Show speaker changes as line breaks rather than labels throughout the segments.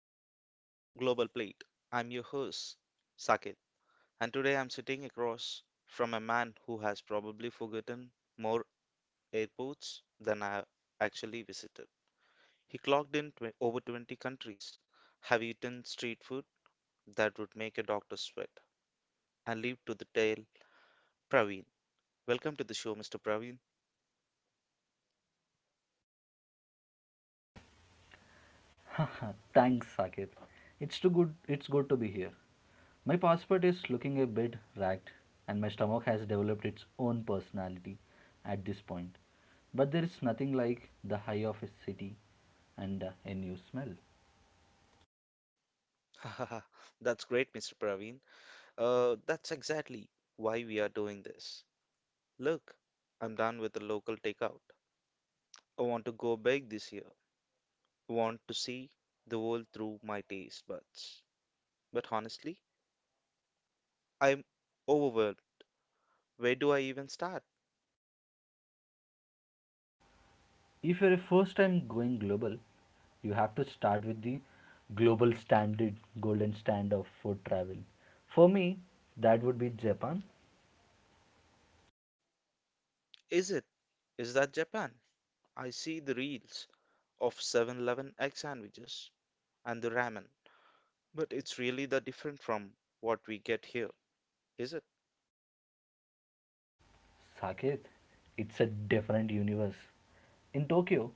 welcome to the Global Plate. I'm your host, Saket, and today I'm sitting across from a man who has probably forgotten more airports than I have actually visited. He clocked in over 20 countries, have eaten street food that would make a doctor sweat, and leave to the tale, Praveen. Welcome to the show, Mr. Praveen.
Thanks, Saket. It's too good. It's good to be here. My passport is looking a bit ragged, and my stomach has developed its own personality at this point. But there is nothing like the high of a city and a new smell.
That's great, Mr. Praveen. That's exactly why we are doing this. Look, I'm done with the local takeout. I want to go big this year. I want to see the world through my taste buds. But honestly, I'm overwhelmed. Where do I even start?
If you're a first time going global, you have to start with the global standard, golden standard of food travel. For me, that would be Japan.
Is it? Is that Japan? I see the reels of 7-Eleven egg sandwiches and the ramen, but it's really that different from what we get here, is it?
Saket, it's a different universe. In Tokyo,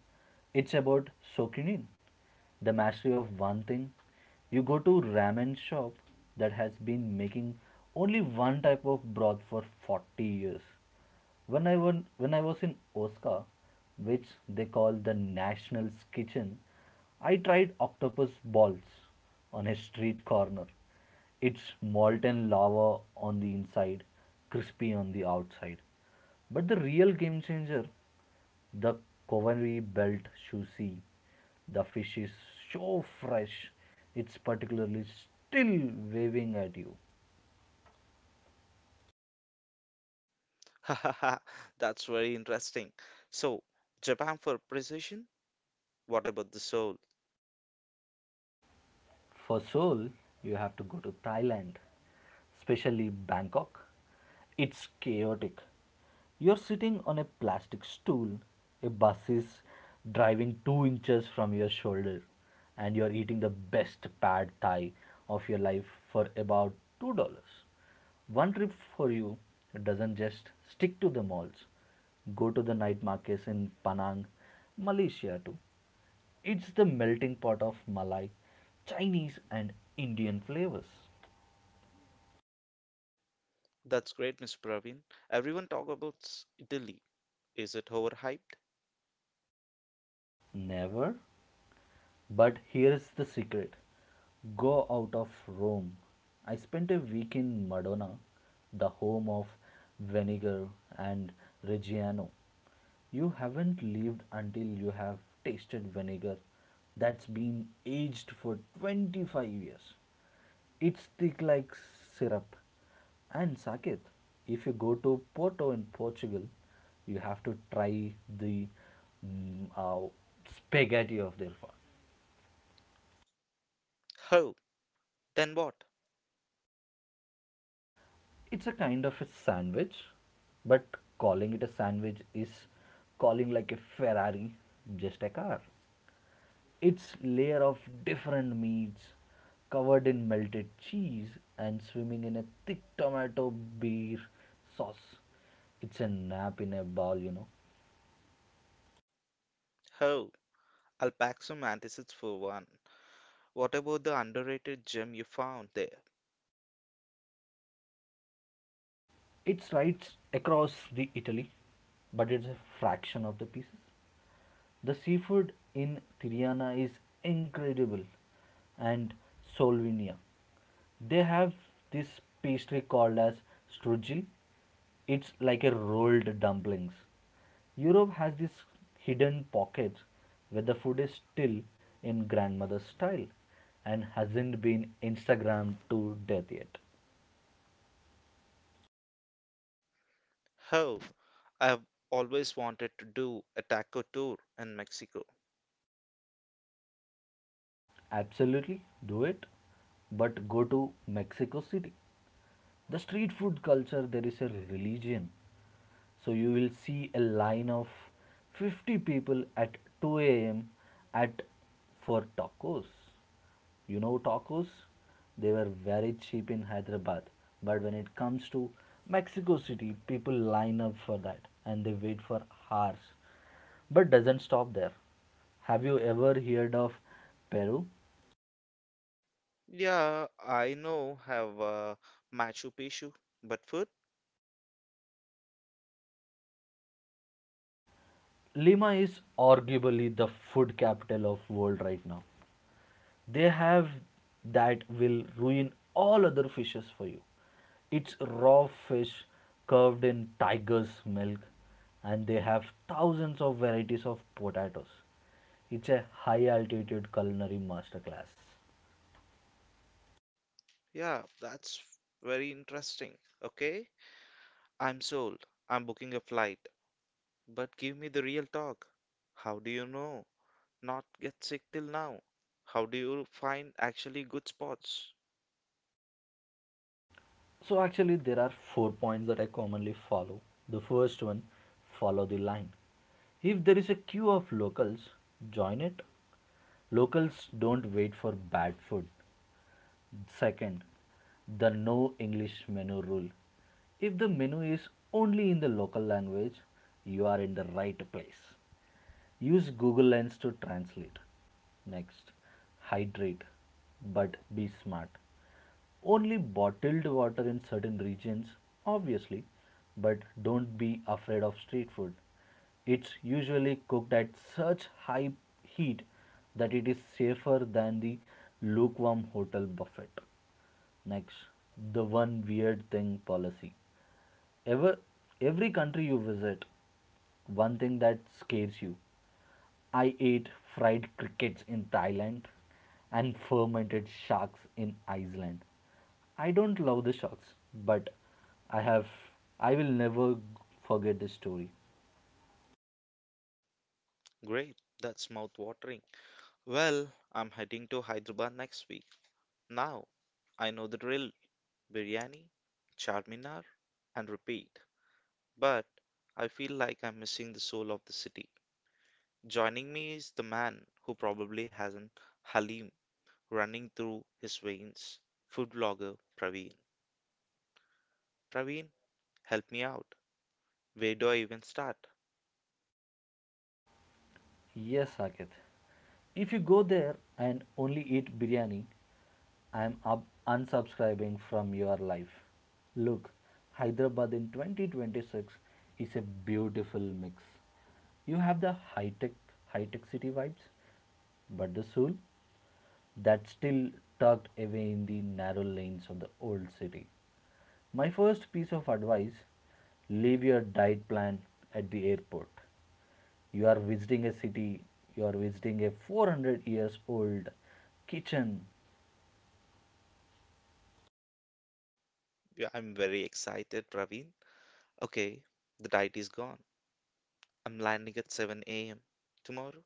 it's about sokunin, the mastery of one thing. You go to ramen shop that has been making only one type of broth for 40 years. When when I was in Osaka, which they call the National's Kitchen, I tried octopus balls on a street corner. It's molten lava on the inside, crispy on the outside. But the real game changer, the Coventry Belt sushi, the fish is so fresh, it's particularly still waving at you.
Hahaha, that's very interesting. So, Japan for precision? What about the soul?
For soul, you have to go to Thailand, especially Bangkok. It's chaotic. You're sitting on a plastic stool, a bus is driving 2 inches from your shoulder, and you're eating the best pad thai of your life for about $2. One trip for you doesn't just stick to the malls. Go to the night markets in Penang, Malaysia too. It's the melting pot of Malay, Chinese, and Indian flavors.
That's great, Mr. Praveen. Everyone talk about Italy. Is it overhyped?
Never. But here's the secret: go out of Rome. I spent a week in Modena, the home of Vinegar and Reggiano. You haven't lived until you have tasted vinegar that's been aged for 25 years. It's thick like syrup. And sake, if you go to Porto in Portugal, you have to try the mm, uh, spaghetti of their fa-
Oh. Then what?
It's a kind of a sandwich, but calling it a sandwich is calling like a Ferrari just a car. It's layer of different meats covered in melted cheese and swimming in a thick tomato beer sauce. It's a nap in a bowl, you know.
Oh, I'll pack some antacids for one. What about the underrated gem you found there?
It's right across the Italy, but it's a fraction of the pieces. The seafood in Tirana is incredible, and Solvinia, they have this pastry called as strudel. It's like a rolled dumplings. Europe has these hidden pockets where the food is still in grandmother's style and hasn't been Instagrammed to death yet.
Oh, I've always wanted to do a taco tour in Mexico.
Absolutely do it, but go to Mexico City. The street food culture there is a religion, so you will see a line of 50 people at 2 a.m. at for tacos. You know tacos, they were very cheap in Hyderabad, but when it comes to Mexico City, people line up for that and they wait for hours. But doesn't stop there. Have you ever heard of Peru?
Yeah, I know have Machu Picchu, but food?
Lima is arguably the food capital of world right now. They have that will ruin all other fishes for you. It's raw fish curved in tiger's milk, and they have thousands of varieties of potatoes. It's a high altitude culinary masterclass.
Yeah, that's very interesting. Okay, I'm sold. I'm booking a flight, but give me the real talk. How do you know? Not get sick till now. How do you find actually good spots?
So, actually, there are four points that I commonly follow. The first one, follow the line. If there is a queue of locals, join it. Locals don't wait for bad food. Second, the no English menu rule. If the menu is only in the local language, you are in the right place. Use Google Lens to translate. Next, hydrate, but be smart. Only bottled water in certain regions, obviously, but don't be afraid of street food. It's usually cooked at such high heat that it is safer than the lukewarm hotel buffet. Next, the one weird thing policy. Ever, every country you visit, one thing that scares you. I ate fried crickets in Thailand and fermented sharks in Iceland. I don't love the sharks, but I have I will never forget this story.
Great, that's mouth-watering. Well, I'm heading to Hyderabad next week. Now, I know the drill. Biryani, Charminar, and repeat. But I feel like I'm missing the soul of the city. Joining me is the man who probably has an Halim running through his veins, food blogger Praveen. Praveen, help me out. Where do I even start?
Yes, Saket. If you go there and only eat biryani, I'm up unsubscribing from your life. Look, Hyderabad in 2026 is a beautiful mix. You have the high-tech city vibes, but the soul that's still tucked away in the narrow lanes of the old city. My first piece of advice, leave your diet plan at the airport. You are visiting a city, you are visiting a 400 years old kitchen.
Yeah, I'm very excited, Praveen. Okay, the diet is gone. I'm landing at 7 a.m. tomorrow.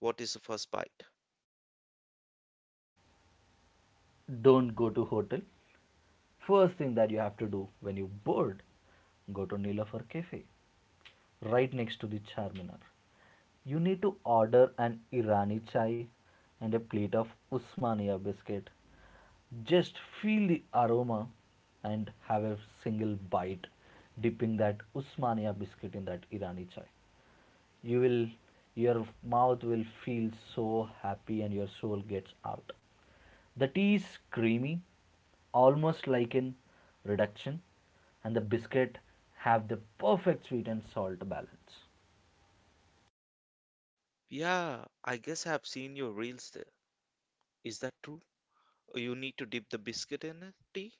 What is the first bite?
Don't go to hotel. First thing that you have to do when you're bored, go to Nilafar Cafe, right next to the Charminar. You need to order an Irani chai and a plate of Usmania biscuit. Just feel the aroma and have a single bite, dipping that Usmania biscuit in that Irani chai. You will, your mouth will feel so happy and your soul gets out. The tea is creamy, almost like in reduction, and the biscuit have the perfect sweet and salt balance.
Yeah, I guess I've seen your reels there. Is that true? You need to dip the biscuit in it? Tea?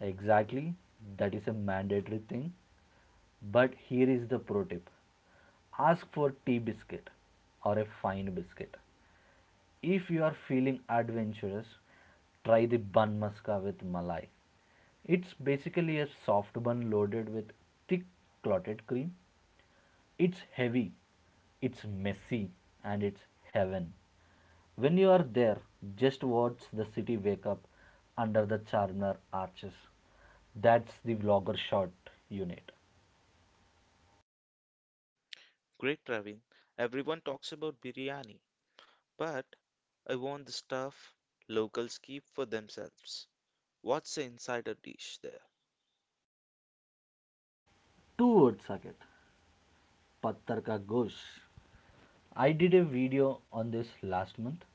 Exactly, that is a mandatory thing. But here is the pro tip: ask for tea biscuit or a fine biscuit. If you are feeling adventurous, try the bun maska with malai. It's basically a soft bun loaded with thick clotted cream. It's heavy, it's messy, and it's heaven. When you are there, just watch the city wake up under the Charminar arches. That's the vlogger shot you need.
Great, Ravin. Everyone talks about biryani, but I want the stuff locals keep for themselves. What's the insider dish there?
Two words, Saket. Pattar ka gosh. I did a video on this last month.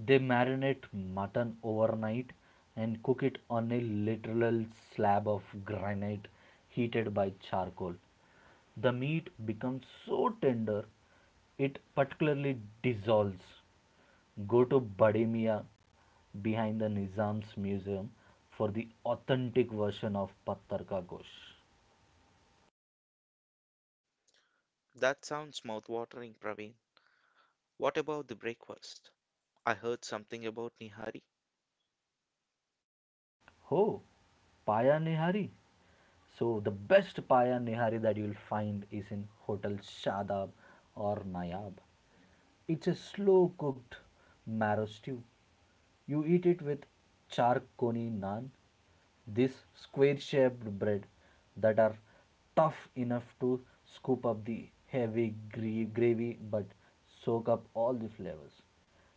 They marinate mutton overnight and cook it on a literal slab of granite heated by charcoal. The meat becomes so tender, it particularly dissolves. Go to Bade Mia behind the Nizam's museum for the authentic version of Pattar Ka Gosht.
That sounds mouth-watering, Praveen. What about the breakfast? I heard something about Nihari.
Oh, Paya Nihari. So the best Paya Nihari that you'll find is in Hotel Shadab or Nayab. It's a slow cooked marrow stew. You eat it with charkoni naan, this square shaped bread that are tough enough to scoop up the heavy gravy but soak up all the flavors.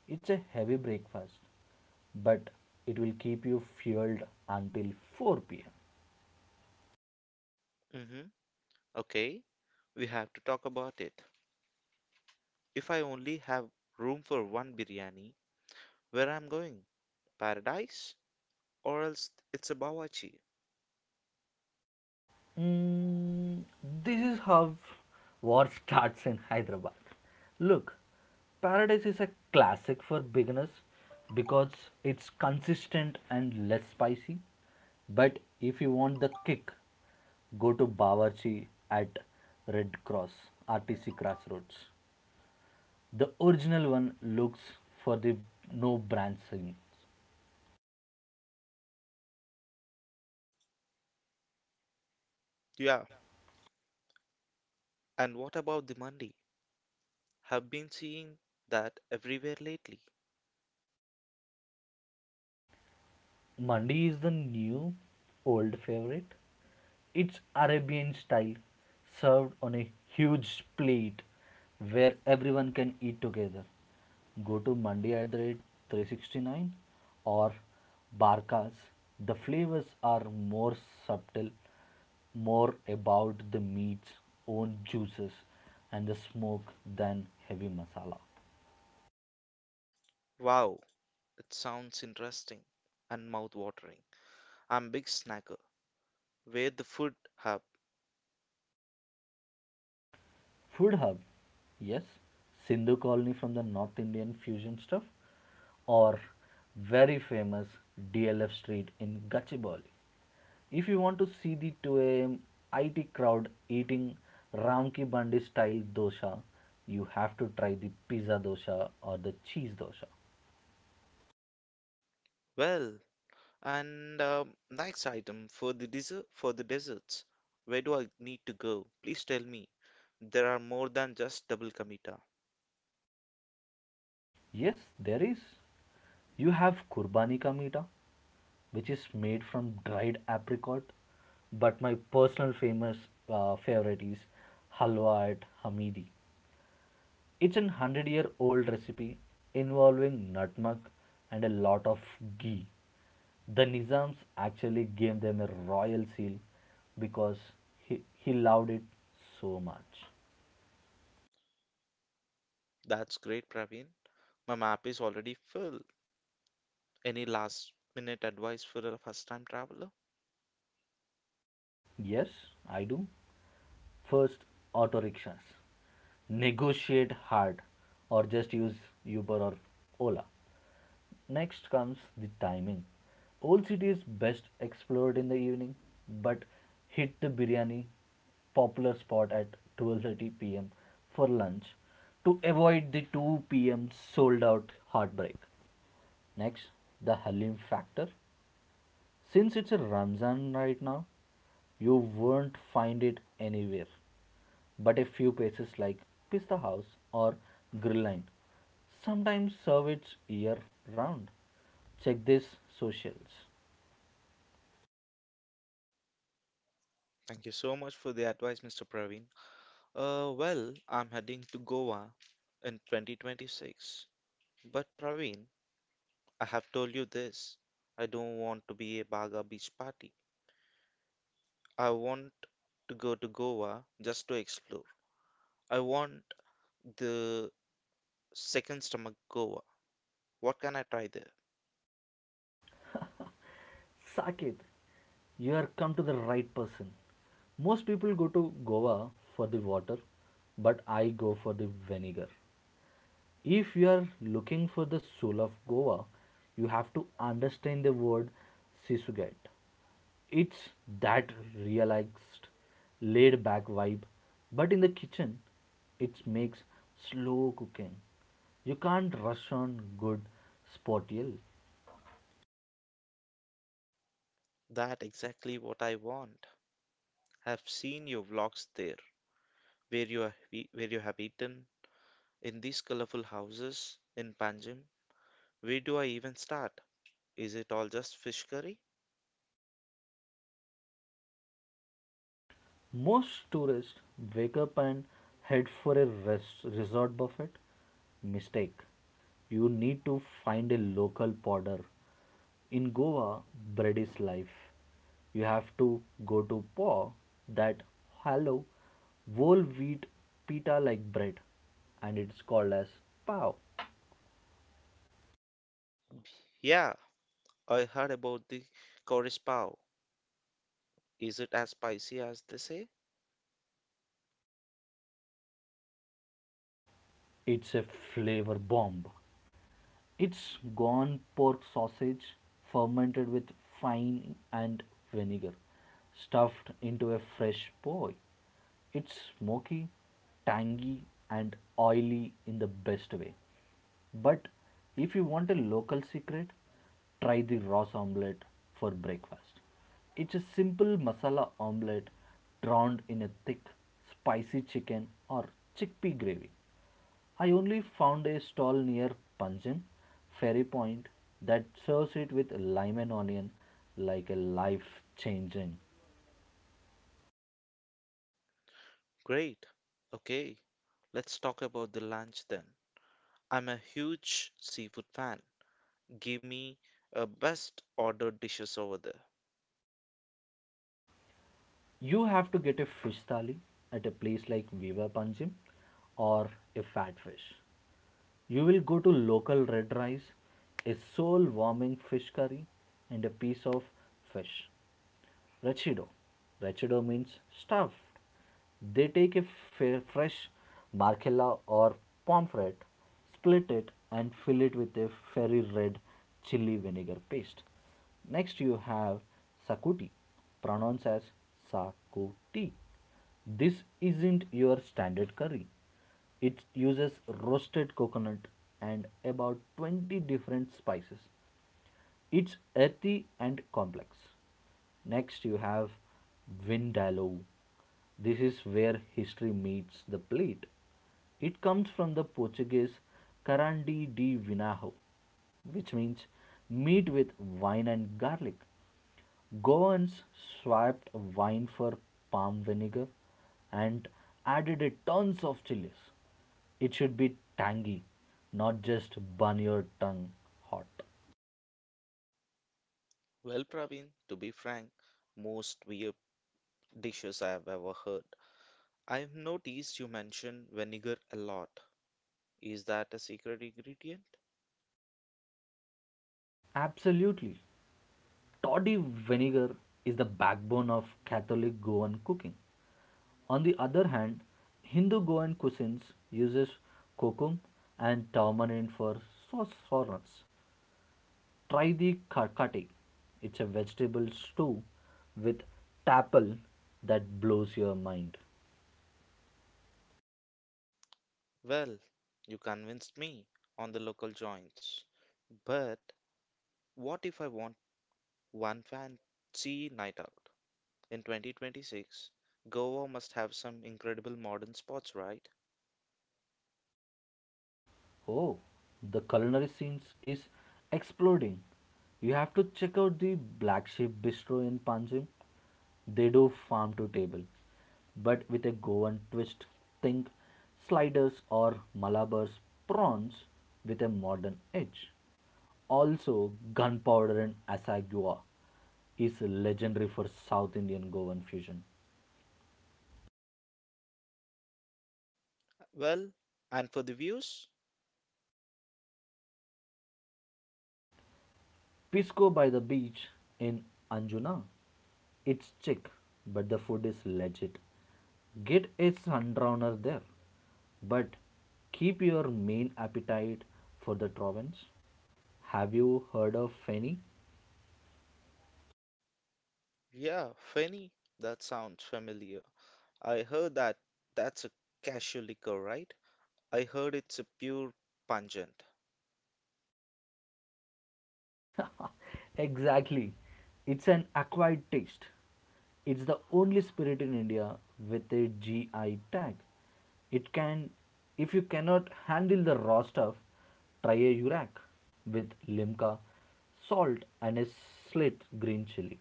It's a heavy breakfast, but it will keep you fueled until 4 pm.
Mm-hmm. Okay, we have to talk about it. If I only have room for one biryani, where I'm going? Paradise? Or else it's a bawachi.
Mm, this is how war starts in Hyderabad. Look, Paradise is a classic for beginners because it's consistent and less spicy. But if you want the kick, go to Bawarchi at Red Cross RTC Crossroads. The original one looks for the no brand scenes.
Yeah, and what about the mandi? Have been seeing that everywhere lately.
Mandi is the new old favorite. It's Arabian style, served on a huge plate where everyone can eat together. Go to Mandi at the rate 369 or Barkas. The flavors are more subtle, more about the meat's own juices and the smoke than heavy masala.
Wow, it sounds interesting and mouth-watering. I'm big snacker. Where the food hub?
Food hub, yes. Sindhu Colony from the North Indian fusion stuff, or very famous DLF Street in Gachibowli. If you want to see the 2 a.m. IT crowd eating Ramki Bandi style dosa, you have to try the pizza dosa or the cheese dosa.
Well, and next item for the desserts. Where do I need to go? Please tell me. There are more than just double kamita.
Yes, there is. You have Kurbani ka meeta, which is made from dried apricot. But my personal famous, favorite is halwa at Hamidi. It's an 100-year-old recipe involving nutmeg and a lot of ghee. The Nizams actually gave them a royal seal because he loved it so much.
That's great, Praveen. My map is already full. Any last minute advice for a first time traveler?
Yes, I do. First, auto rickshaws. Negotiate hard or just use Uber or Ola. Next comes the timing. Old city is best explored in the evening, but hit the biryani popular spot at 12:30 p.m. for lunch to avoid the 2 p.m. sold out heartbreak. Next, the Halim factor. Since it's a Ramzan right now, you won't find it anywhere. But a few places like Pista House or Grill Line sometimes serve it year round. Check this socials.
Thank you so much for the advice, Mr. Praveen. Well, I'm heading to Goa in 2026. But Praveen, I have told you this. I don't want to be a Baga beach party. I want to go to Goa just to explore. I want the second stomach Goa. What can I try there?
Saket, you are come to the right person. Most people go to Goa for the water, but I go for the vinegar. If you are looking for the soul of Goa, you have to understand the word sisugat. It's that relaxed, laid back vibe, but in the kitchen, it makes slow cooking. You can't rush on good spotiel.
That exactly what I want. I've seen your vlogs there, where you have eaten in these colorful houses in Panjim. Where do I even start? Is it all just fish curry?
Most tourists wake up and head for a resort buffet. Mistake. You need to find a local podder. In Goa, bread is life. You have to go to paw, that hollow whole wheat pita like bread, and it's called as pav.
Yeah, I heard about the Korean pao. Is it as spicy as they say?
It's a flavor bomb. It's gone pork sausage fermented with fine and vinegar, stuffed into a fresh poi. It's smoky, tangy, and oily in the best way. But if you want a local secret, try the Ross omelette for breakfast. It's a simple masala omelette drowned in a thick, spicy chicken or chickpea gravy. I only found a stall near Panjim Ferry Point that serves it with lime and onion like a life changing.
Great. Okay, let's talk about the lunch then. I'm a huge seafood fan. Give me a best ordered dishes over there.
You have to get a fish thali at a place like Viva Panjim or a fat fish. You will go to local red rice, a soul warming fish curry, and a piece of fish. Rachido. Rachido means stuffed. They take a fresh barcella or pomfret, split it, and fill it with a fiery red chili vinegar paste. Next, you have sakuti, pronounced as sakuti. This isn't your standard curry. It uses roasted coconut and about 20 different spices. It's earthy and complex. Next, you have Vindaloo. This is where history meets the plate. It comes from the Portuguese Carandi de Vinho, which means meat with wine and garlic. Goans swapped wine for palm vinegar and added tons of chilies. It should be tangy, not just burn your tongue hot.
Well, Praveen, to be frank, most weird dishes I have ever heard. I've noticed you mention vinegar a lot. Is that a secret ingredient?
Absolutely. Toddy vinegar is the backbone of Catholic Goan cooking. On the other hand, Hindu Goan cuisines uses kokum and tamarind for sauce formats. Try the karkati. It's a vegetable stew with tapal that blows your mind.
Well, you convinced me on the local joints. But what if I want one fancy night out? In 2026, Goa must have some incredible modern spots, right?
Oh, the culinary scenes is exploding. You have to check out the Black Sheep Bistro in Panjim. They do farm to table, but with a Goan twist. Think sliders or Malabar's prawns with a modern edge. Also, gunpowder and asagua is legendary for South Indian Goan fusion.
Well, and for the views?
Pisco by the beach in Anjuna, it's chic, but the food is legit. Get a sundowner there, but keep your main appetite for the province. Have you heard of Feni?
Yeah, Feni, that sounds familiar. I heard that that's a casual liquor, right? I heard it's a pure pungent.
Exactly. It's an acquired taste. It's the only spirit in India with a GI tag. It can, if you cannot handle the raw stuff, try a urak with limca, salt, and a slit green chili.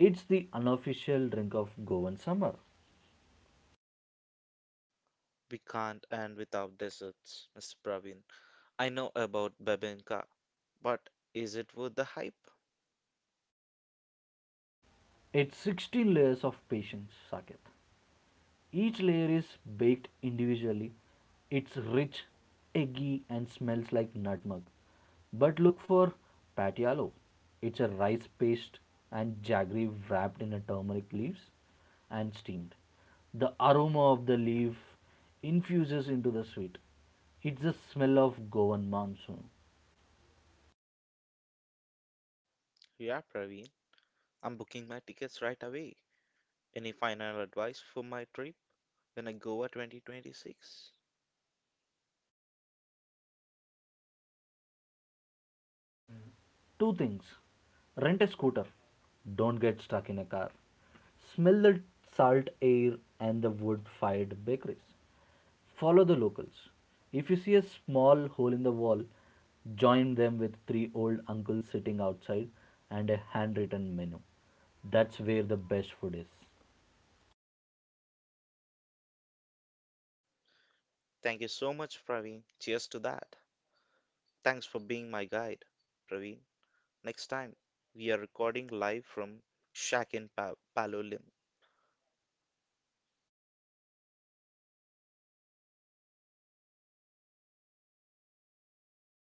It's the unofficial drink of Goan summer.
We can't end without desserts, Mr. Praveen. I know about Babenka, but is it worth the hype?
It's 16 layers of patience, Saket. Each layer is baked individually. It's rich, eggy, and smells like nutmeg. But look for patialo. It's a rice paste and jaggery wrapped in a turmeric leaves and steamed. The aroma of the leaf infuses into the sweet. It's the smell of Goan monsoon.
Yeah, Praveen. I'm booking my tickets right away. Any final advice for my trip in a Goa 2026?
Two things: rent a scooter, don't get stuck in a car, smell the salt air and the wood fired bakeries, follow the locals. If you see a small hole in the wall, join them with three old uncles sitting outside and a handwritten menu. That's where the best food is.
Thank you so much, Praveen. Cheers to that. Thanks for being my guide, Praveen. Next time, we are recording live from Shack in Palo Lim.